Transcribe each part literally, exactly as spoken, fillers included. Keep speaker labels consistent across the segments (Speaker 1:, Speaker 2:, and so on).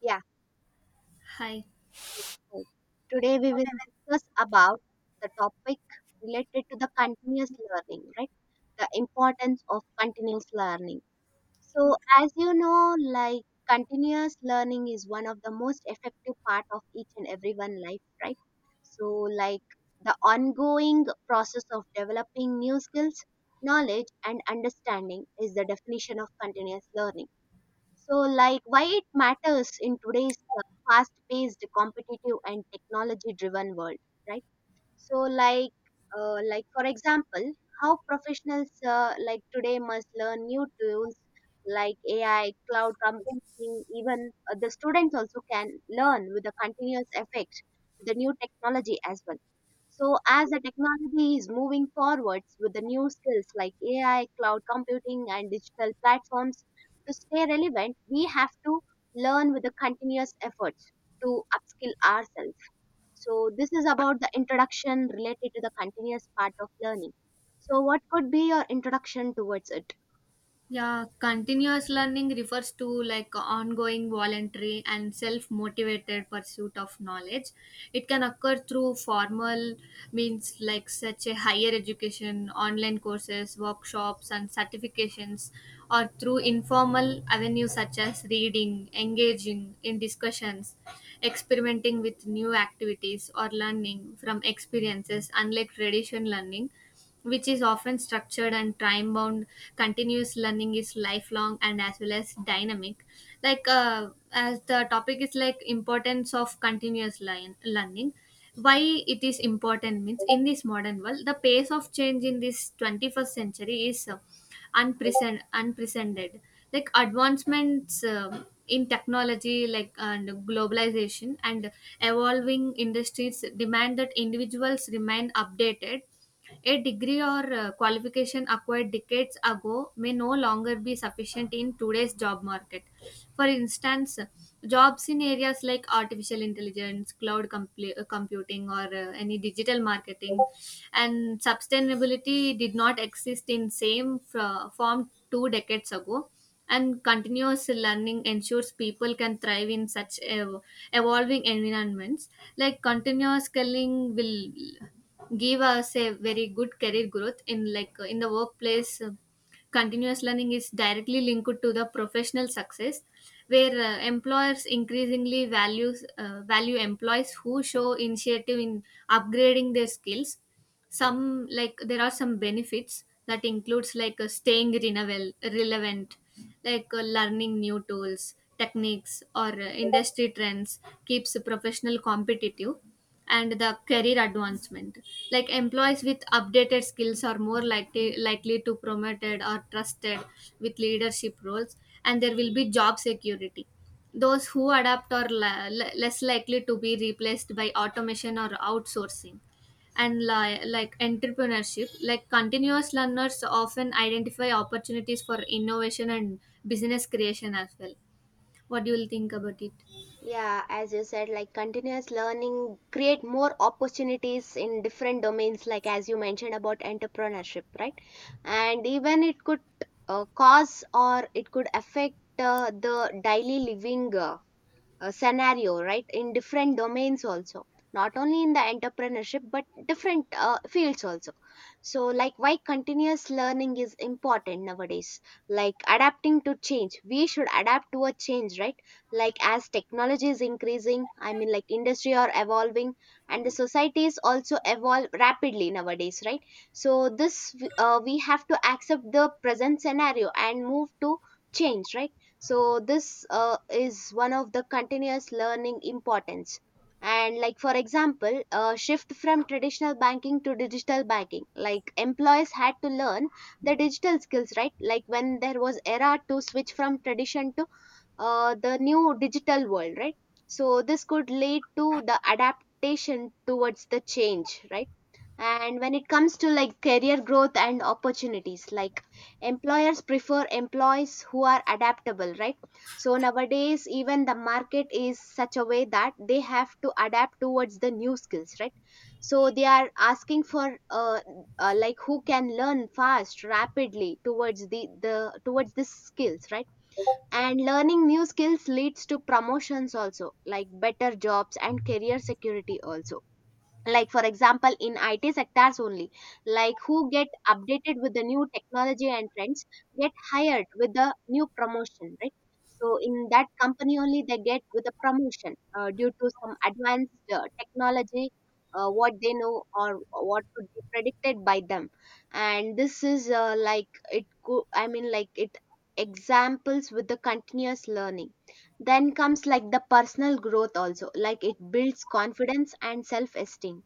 Speaker 1: Yeah,
Speaker 2: Hi.
Speaker 1: right. Today we will discuss about the topic related to the continuous learning, right? The importance of continuous learning. So, as you know, like continuous learning is one of the most effective part of each and every one life, right? So, like the ongoing process of developing new skills, knowledge, and understanding is the definition of continuous learning. So, like, why it matters in today's fast paced, competitive, and technology driven world, right? So, like, uh, like for example, how professionals uh, like today must learn new tools like A I, cloud computing. Even uh, the students also can learn with the continuous effect, with the new technology as well. So, as the technology is moving forwards with the new skills like A I, cloud computing, and digital platforms, to stay relevant, we have to learn with the continuous efforts to upskill ourselves. So, this is about the introduction related to the continuous part of learning. So, what could be your introduction towards it?
Speaker 2: Yeah, continuous learning refers to like ongoing voluntary and self motivated pursuit of knowledge. It can occur through formal means like such a higher education, online courses, workshops, and certifications, or through informal avenues such as reading, engaging in discussions, experimenting with new activities, or learning from experiences, unlike traditional learning which is often structured and time bound. Continuous learning is lifelong and as well as dynamic. Like uh, as the topic is like importance of continuous learn- learning why it is important means in this modern world the pace of change in this twenty-first century is uh, unprecedented unprecedented Like advancements um, in technology like and globalization and evolving industries demand that individuals remain updated. A degree or uh, qualification acquired decades ago may no longer be sufficient in today's job market. For instance, jobs in areas like artificial intelligence, cloud compl- uh, computing, or uh, any digital marketing and sustainability did not exist in same f- form two decades ago, and continuous learning ensures people can thrive in such ev- evolving environments. Like continuous scaling will give us a very good career growth in like uh, in the workplace. Uh, continuous learning is directly linked to the professional success, where uh, employers increasingly values uh, value employees who show initiative in upgrading their skills. Some like there are some benefits that includes like uh, staying renovel- relevant. Like uh, learning new tools, techniques, or uh, industry trends keeps a professional competitive, and the career advancement, like employees with updated skills are more likely likely to promoted or trusted with leadership roles. And there will be job security. Those who adapt are la- le- less likely to be replaced by automation or outsourcing. And li- like entrepreneurship, like continuous learners often identify opportunities for innovation and business creation as well. What do you think about it?
Speaker 1: Yeah, as you said, like continuous learning create more opportunities in different domains, like as you mentioned about entrepreneurship, right? And even it could uh, cause, or it could affect uh, the daily living, uh, uh, scenario, right, in different domains also, not only in the entrepreneurship but different uh, fields also. So like, why continuous learning is important nowadays? Like adapting to change, we should adapt to a change, right? Like as technology is increasing, I mean like industry are evolving, and the societies also evolve rapidly nowadays, right? So this, uh, we have to accept the present scenario and move to change, right? So this uh, is one of the continuous learning importance. And like for example, a shift from traditional banking to digital banking, like employees had to learn the digital skills, right? Like when there was era to switch from tradition to uh, the new digital world, right? So this could lead to the adaptation towards the change, right? And when it comes to like career growth and opportunities, like employers prefer employees who are adaptable, right? So nowadays, even the market is such a way that they have to adapt towards the new skills, right? So they are asking for uh, uh, like who can learn fast, rapidly towards the the towards the skills, right? And learning new skills leads to promotions also, like better jobs and career security also. Like for example, in I T sectors only, like who get updated with the new technology and trends get hired with the new promotion, right? So in that company only they get with a promotion uh, due to some advanced uh, technology, uh, what they know, or what could be predicted by them. And this is uh, like it co- I mean like it examples with the continuous learning. Then comes like the personal growth also, like it builds confidence and self esteem,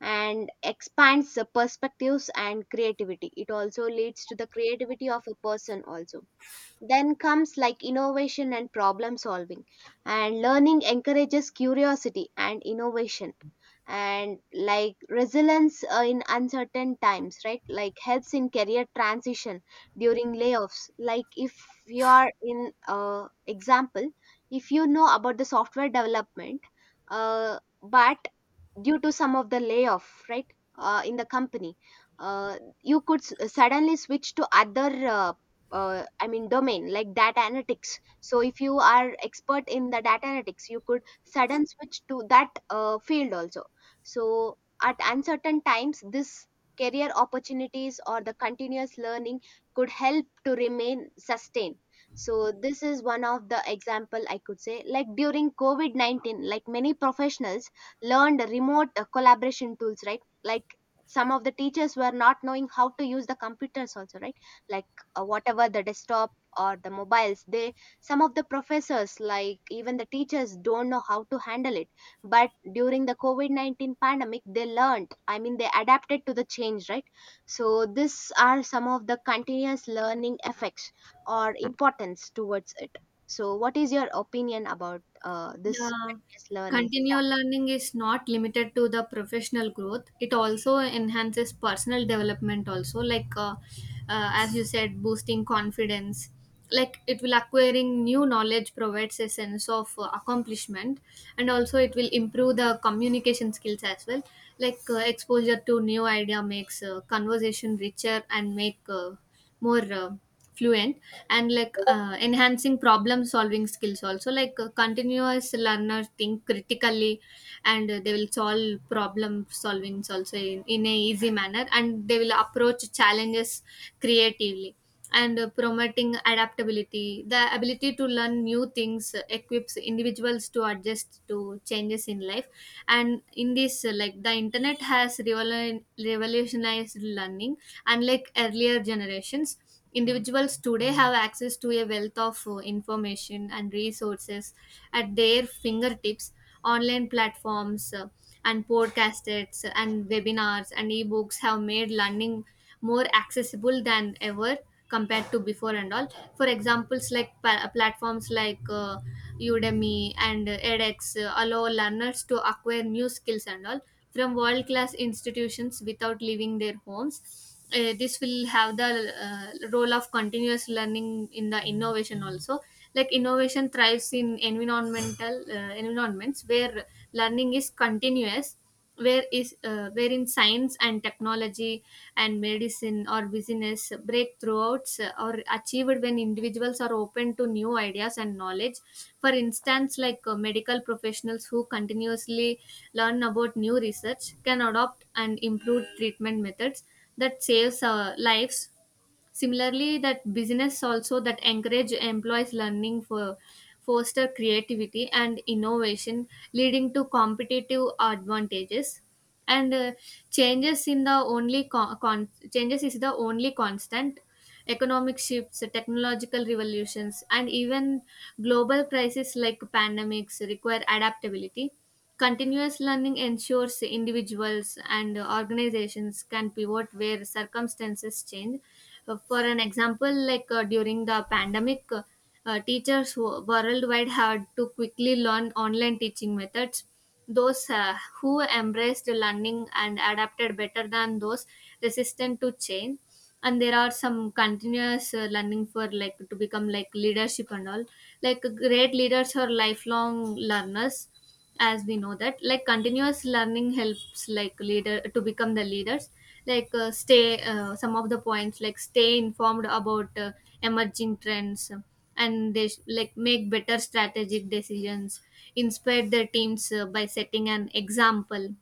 Speaker 1: and expands the perspectives and creativity. It also leads to the creativity of a person also. Then comes like innovation and problem solving, and learning encourages curiosity and innovation. And like resilience uh, in uncertain times, right, like helps in career transition during layoffs. Like if you are in uh, example, if you know about the software development, uh, but due to some of the layoff, right, uh, in the company, uh, you could s- suddenly switch to other, uh, uh, I mean domain, like data analytics. So if you are expert in the data analytics, you could sudden switch to that uh, field also. So at uncertain times, this career opportunities or the continuous learning could help to remain sustained. So this is one of the example I could say, like during COVID nineteen, like many professionals learned remote uh, collaboration tools, right. Like some of the teachers were not knowing how to use the computers also, right. Like uh, whatever the desktop or the mobiles, they, some of the professors, like even the teachers don't know how to handle it. But during the COVID nineteen pandemic, they learned, I mean they adapted to the change, right. So these are some of the continuous learning effects or importance towards it. So what is your opinion about uh, this
Speaker 2: Yeah,
Speaker 1: continuous learning?
Speaker 2: continual learning is not limited to the professional growth. It also enhances personal development, also, like uh, uh, as you said, boosting confidence. Like it will acquiring new knowledge provides a sense of uh, accomplishment, and also it will improve the communication skills as well. Like uh, exposure to new idea makes uh, conversation richer and make uh, more uh, fluent. And like uh, enhancing problem solving skills also, like uh, continuous learners think critically, and uh, they will solve problem solving also in, in a easy manner, and they will approach challenges creatively. And uh, promoting adaptability. The ability to learn new things uh, equips individuals to adjust to changes in life. And in this, uh, like the internet has revolu- revolutionized learning, unlike earlier generations. Individuals today have access to a wealth of uh, information and resources at their fingertips. Online platforms uh, and podcasts and webinars and ebooks have made learning more accessible than ever compared to before and all. For examples, like pa- uh, platforms like uh, Udemy and uh, edx uh, allow learners to acquire new skills and all from world class institutions without leaving their homes. Uh, this will have the uh, role of continuous learning in the innovation also. Like innovation thrives in environmental uh, environments where learning is continuous, where is uh, where science and technology and medicine or business breakthroughs uh, are achieved when individuals are open to new ideas and knowledge. For instance, like uh, medical professionals who continuously learn about new research can adopt and improve treatment methods that saves uh, lives. Similarly, that business also that encourage employees learning for foster creativity and innovation, leading to competitive advantages. And uh, changes in the only con- con- changes is the only constant. Economic shifts, technological revolutions, and even global crises like pandemics require adaptability. Continuous learning ensures individuals and organizations can pivot where circumstances change. Uh, For an example, like uh, during the pandemic, uh, uh, teachers wo- worldwide had to quickly learn online teaching methods. Those uh, who embraced learning and adapted better than those resistant to change. And there are some continuous uh, learning for like to become like leadership and all. Like great leaders are lifelong learners. As we know that like continuous learning helps like leader to become the leaders, like uh, stay uh, some of the points, like stay informed about uh, emerging trends, and they sh- like make better strategic decisions, inspire their teams uh, by setting an example,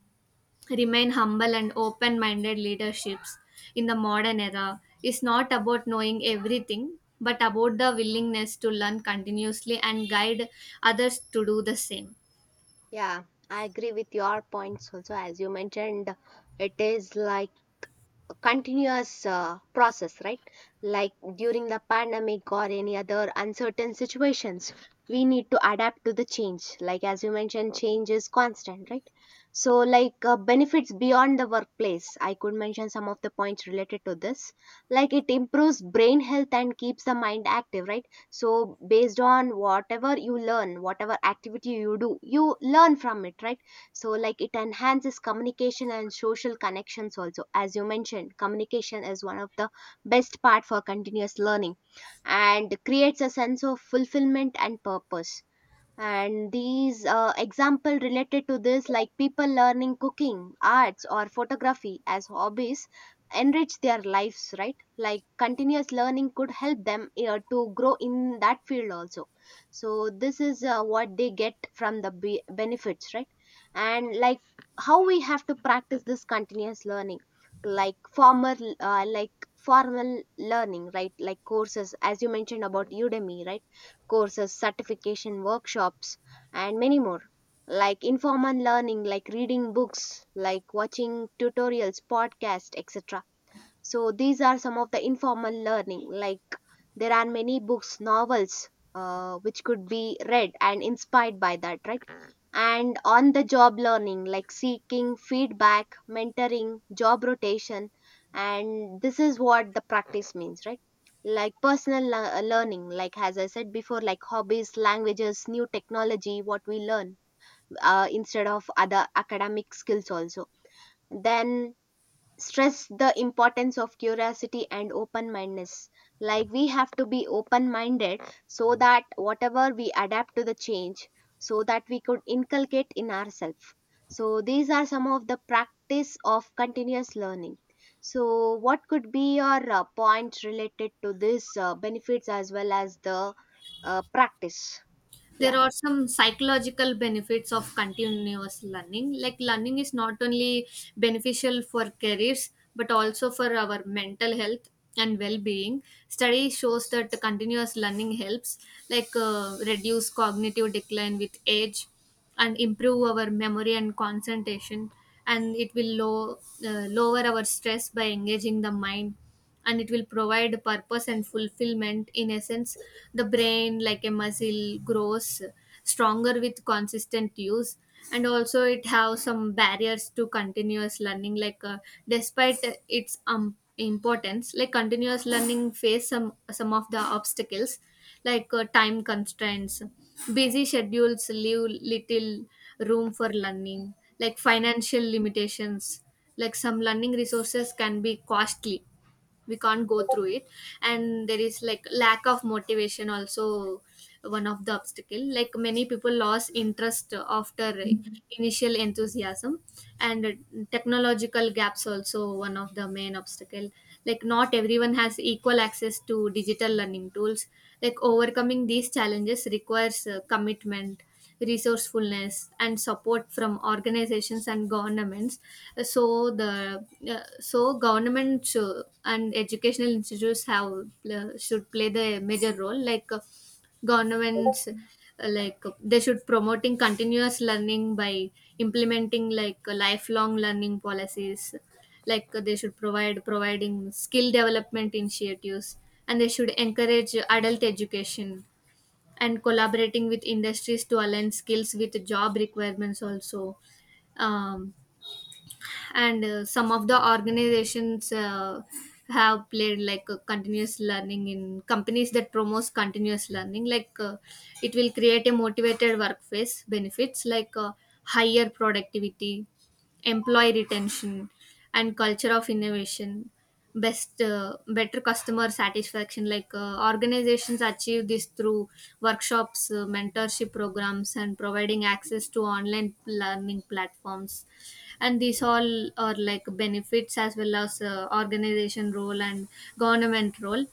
Speaker 2: remain humble and open minded. Leaderships in the modern era is not about knowing everything but about the willingness to learn continuously and guide others to do the same.
Speaker 1: Yeah, I agree with your points also. As you mentioned, it is like a continuous uh, process, right. Like during the pandemic or any other uncertain situations, we need to adapt to the change. Like as you mentioned, change is constant, right. So like, uh, benefits beyond the workplace, I could mention some of the points related to this. Like it improves brain health and keeps the mind active, right. So based on whatever you learn, whatever activity you do, you learn from it, right. So like it enhances communication and social connections also. As you mentioned, communication is one of the best part for continuous learning, and creates a sense of fulfillment and purpose. And these uh, example related to this, like people learning cooking, arts, or photography as hobbies, enrich their lives, right? Like continuous learning could help them uh, to grow in that field also. So this is uh, what they get from the be- benefits, right? And like, how we have to practice this continuous learning, like formal, uh, like formal learning, right? Like courses, as you mentioned about Udemy, right? Courses, certification, workshops, and many more. Like informal learning, like reading books, like watching tutorials, podcasts, et cetera. So these are some of the informal learning. Like there are many books, novels, uh, which could be read and inspired by that, right? And on the job learning, like seeking feedback, mentoring, job rotation, and this is what the practice means, right? Like personal lear- learning, like as I said before, like hobbies, languages, new technology, what we learn uh, instead of other academic skills also. Then stress the importance of curiosity and open mindedness. Like we have to be open minded, so that whatever we adapt to the change, so that we could inculcate in ourselves. So these are some of the practice of continuous learning. So what could be your uh, points related to this uh, benefits as well as the uh, practice?
Speaker 2: There
Speaker 1: Yeah.
Speaker 2: are some psychological benefits of continuous learning. Like learning is not only beneficial for careers but also for our mental health and well-being. Study shows that the continuous learning helps like uh, reduce cognitive decline with age and improve our memory and concentration, and it will low, uh, lower our stress by engaging the mind, and it will provide purpose and fulfillment. In essence, the brain like a muscle grows stronger with consistent use. And also it have some barriers to continuous learning, like uh, despite its um, importance, like continuous learning face some some of the obstacles. Like uh, time constraints, busy schedules leave little room for learning. Like financial limitations, like some learning resources can be costly, we can't go through it. And there is like lack of motivation also, one of the obstacle, like many people lost interest after initial enthusiasm. And technological gaps also one of the main obstacle, like not everyone has equal access to digital learning tools. Like overcoming these challenges requires uh, commitment, resourcefulness, and support from organizations and governments. So the uh, so government should, and educational institutes have uh, should play the major role. Like uh, governments uh, like uh, they should promoting continuous learning by implementing like uh, lifelong learning policies, like uh, they should provide providing skill development initiatives, and they should encourage adult education and collaborating with industries to align skills with job requirements also. um, and uh, some of the organizations uh, have played like uh, continuous learning in companies that promotes continuous learning, like uh, it will create a motivated workforce benefits, like uh, higher productivity, employee retention, and culture of innovation, best uh, better customer satisfaction. Like uh, organizations achieve this through workshops, uh, mentorship programs, and providing access to online learning platforms. And these all are like benefits as well as uh, organization role and government role.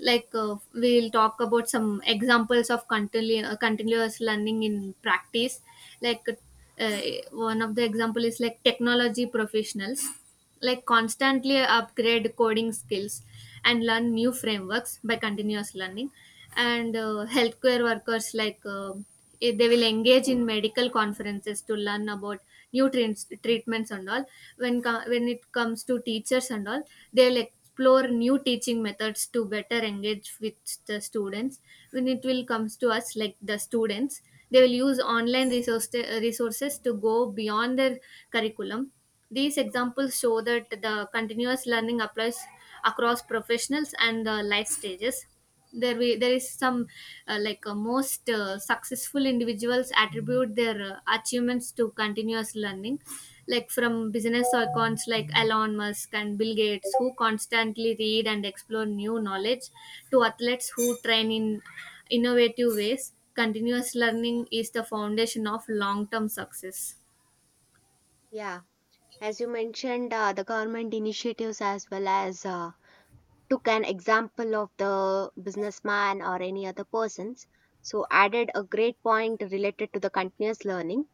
Speaker 2: Like uh, we'll talk about some examples of continu- uh, continuous learning in practice. Like uh, one of the example is like technology professionals like constantly upgrade coding skills and learn new frameworks by continuous learning. And uh, healthcare workers, like uh, eh, they will engage in medical conferences to learn about new treats- treatments and all. When co- when it comes to teachers and all, they'll explore new teaching methods to better engage with the students. When it will comes to us, like the students, they will use online resource resources to go beyond their curriculum. These examples show that the continuous learning applies across professionals and uh, life stages. There, we, there is some uh, like uh, most uh, successful individuals attribute their uh, achievements to continuous learning, like from business icons like Elon Musk and Bill Gates, who constantly read and explore new knowledge, to athletes who train in innovative ways. Continuous learning is the foundation of long term success.
Speaker 1: Yeah, as you mentioned, uh, the government initiatives as well as uh, took an example of the businessman or any other persons, so added a great point related to the continuous learning.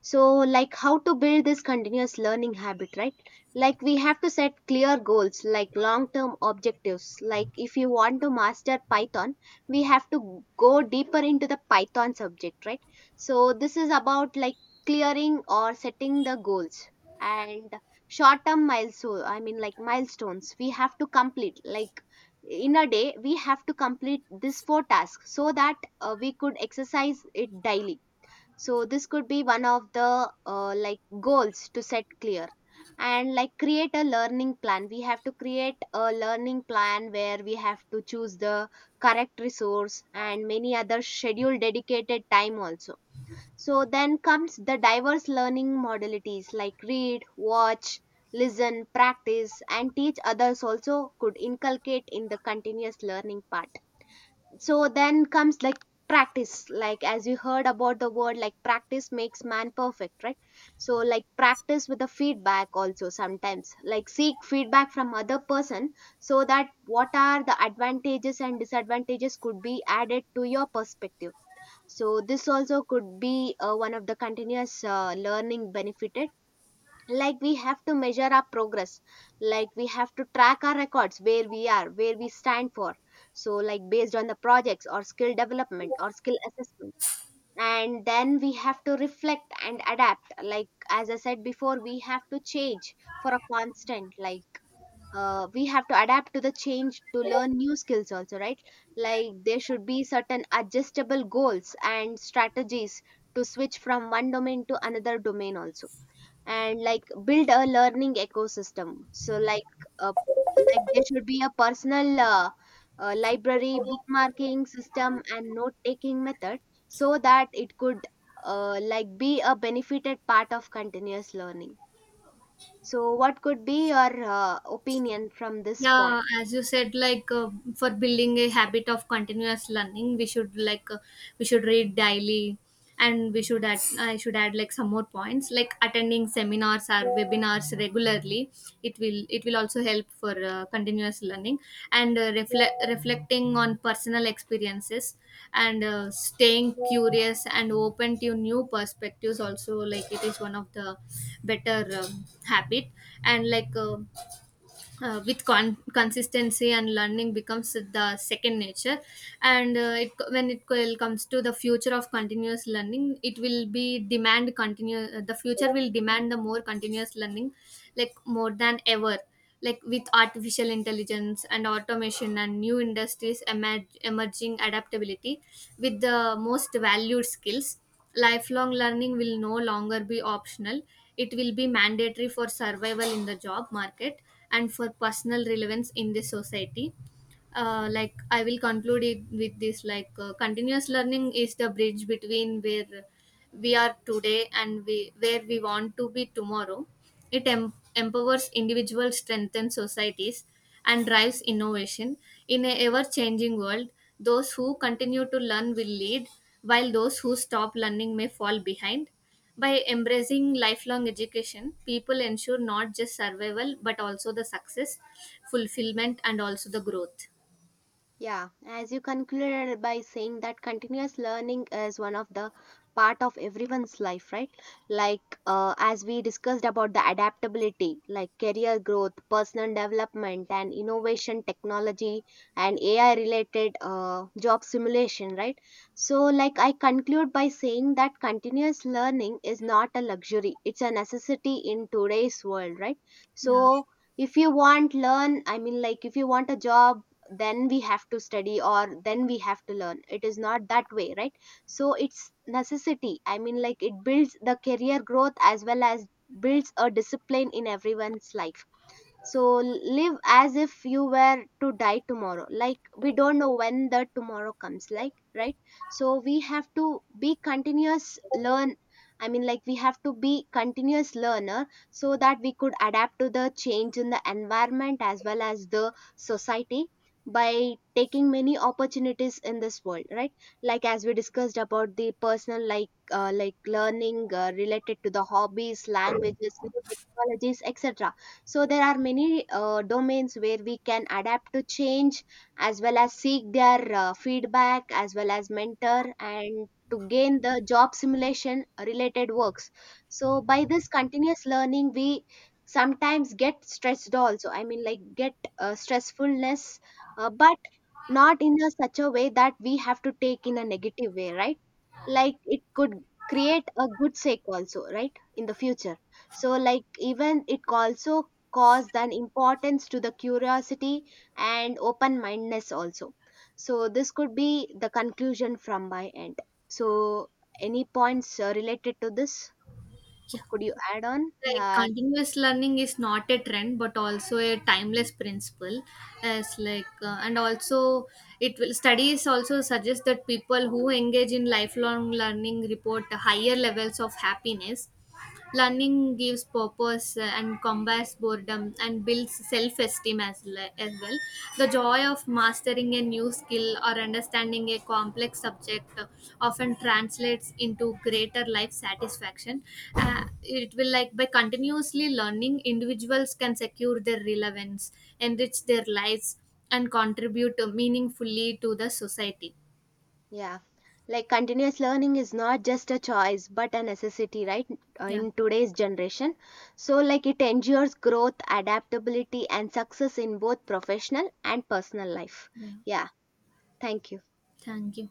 Speaker 1: So like, how to build this continuous learning habit, right? Like we have to set clear goals, like long term objectives. Like if you want to master python, we have to go deeper into the python subject, right. So this is about like clearing or setting the goals. And short term milestone, I mean like milestones we have to complete, like in a day we have to complete this four tasks, so that uh, we could exercise it daily. So this could be one of the uh, like goals to set clear. And like create a learning plan, we have to create a learning plan where we have to choose the correct resource and many other schedule dedicated time also. So then comes the diverse learning modalities, like read, watch, listen, practice, and teach others also could inculcate in the continuous learning part. So then comes like practice, like as you heard about the word like practice makes man perfect, right. So like practice with the feedback also, sometimes like seek feedback from other person, so that what are the advantages and disadvantages could be added to your perspective. So this also could be uh, one of the continuous uh, learning benefited. Like we have to measure our progress, like we have to track our records where we are, where we stand for. So like based on the projects or skill development or skill assessments. And then we have to reflect and adapt, like as I said before, we have to change for a constant. Like uh, we have to adapt to the change to learn new skills also, right. Like there should be certain adjustable goals and strategies to switch from one domain to another domain also. And like build a learning ecosystem. So like, uh, like there should be a personal uh, uh, library, bookmarking system, and note taking method, so that it could uh, like be a benefited part of continuous learning. So what could be your uh, opinion from this point?
Speaker 2: Yeah, as you said, like uh, for building a habit of continuous learning, we should like uh, we should read daily, and we should add I should add like some more points, like attending seminars or webinars regularly. It will it will also help for uh, continuous learning, and uh, reflect reflecting on personal experiences, and uh, staying curious and open to new perspectives also. Like it is one of the better um, habit. And like. Uh, uh, with con- consistency and learning becomes the second nature. And uh, it, when it will comes to the future of continuous learning, it will be demand continue uh, the future will demand the more continuous learning, like more than ever. Like with artificial intelligence and automation and new industries emerg- emerging, adaptability with the most valued skills, lifelong learning will no longer be optional. It will be mandatory for survival in the job market and for personal relevance in the society. Uh, like I will conclude it with this, like uh, continuous learning is the bridge between where we are today and we, where we want to be tomorrow. It em- empowers individuals, strengthens societies, and drives innovation in a ever changing world. Those who continue to learn will lead, while those who stop learning may fall behind. By embracing lifelong education, people ensure not just survival but also the success, fulfillment, and also the growth.
Speaker 1: Yeah, as you concluded by saying that continuous learning is one of the part of everyone's life, right? Like uh, as we discussed about the adaptability, like career growth, personal development, and innovation, technology, and A I related uh, job simulation, right? So, like I conclude by saying that continuous learning is not a luxury; it's a necessity in today's world, right?
Speaker 2: Yeah.
Speaker 1: So, if you want learn, I mean like if you want a job, then we have to study, or then we have to learn. It is not that way, right. So it's necessity, I mean like it builds the career growth as well as builds a discipline in everyone's life. So l- live as if you were to die tomorrow. Like we don't know when the tomorrow comes, like right? So we have to be continuous learn. I mean, like we have to be continuous learner so that we could adapt to the change in the environment as well as the society, by taking many opportunities in this world, right. Like as we discussed about the personal, like uh, like learning uh, related to the hobbies, languages, new technologies, etc. So there are many uh, domains where we can adapt to change, as well as seek their uh, feedback as well as mentor, and to gain the job simulation related works. So by this continuous learning, we sometimes get stressed also, I mean like get uh, stressfulness, uh, but not in a such a way that we have to take in a negative way, right. Like it could create a good sake also, right, in the future. So like even it also caused an importance to the curiosity and open mindedness also. So this could be the conclusion from my end. So, any points uh, related to this,
Speaker 2: Yeah.
Speaker 1: could you add on?
Speaker 2: Like
Speaker 1: Yeah.
Speaker 2: continuous learning is not a trend but also a timeless principle. As like uh, and also it will studies also suggest that people who engage in lifelong learning report higher levels of happiness. Learning gives purpose uh, and combats boredom and builds self-esteem as, le- as well. The joy of mastering a new skill or understanding a complex subject uh, often translates into greater life satisfaction. Uh, it will like by continuously learning individuals can secure their relevance, enrich their lives, and contribute uh, meaningfully to the society.
Speaker 1: Yeah, like continuous learning is not just a choice but a necessity, right? uh,
Speaker 2: Yeah.
Speaker 1: In today's generation. So, like, it ensures growth, adaptability, and success in both professional and personal life.
Speaker 2: Yeah,
Speaker 1: Yeah, thank you.
Speaker 2: thank you.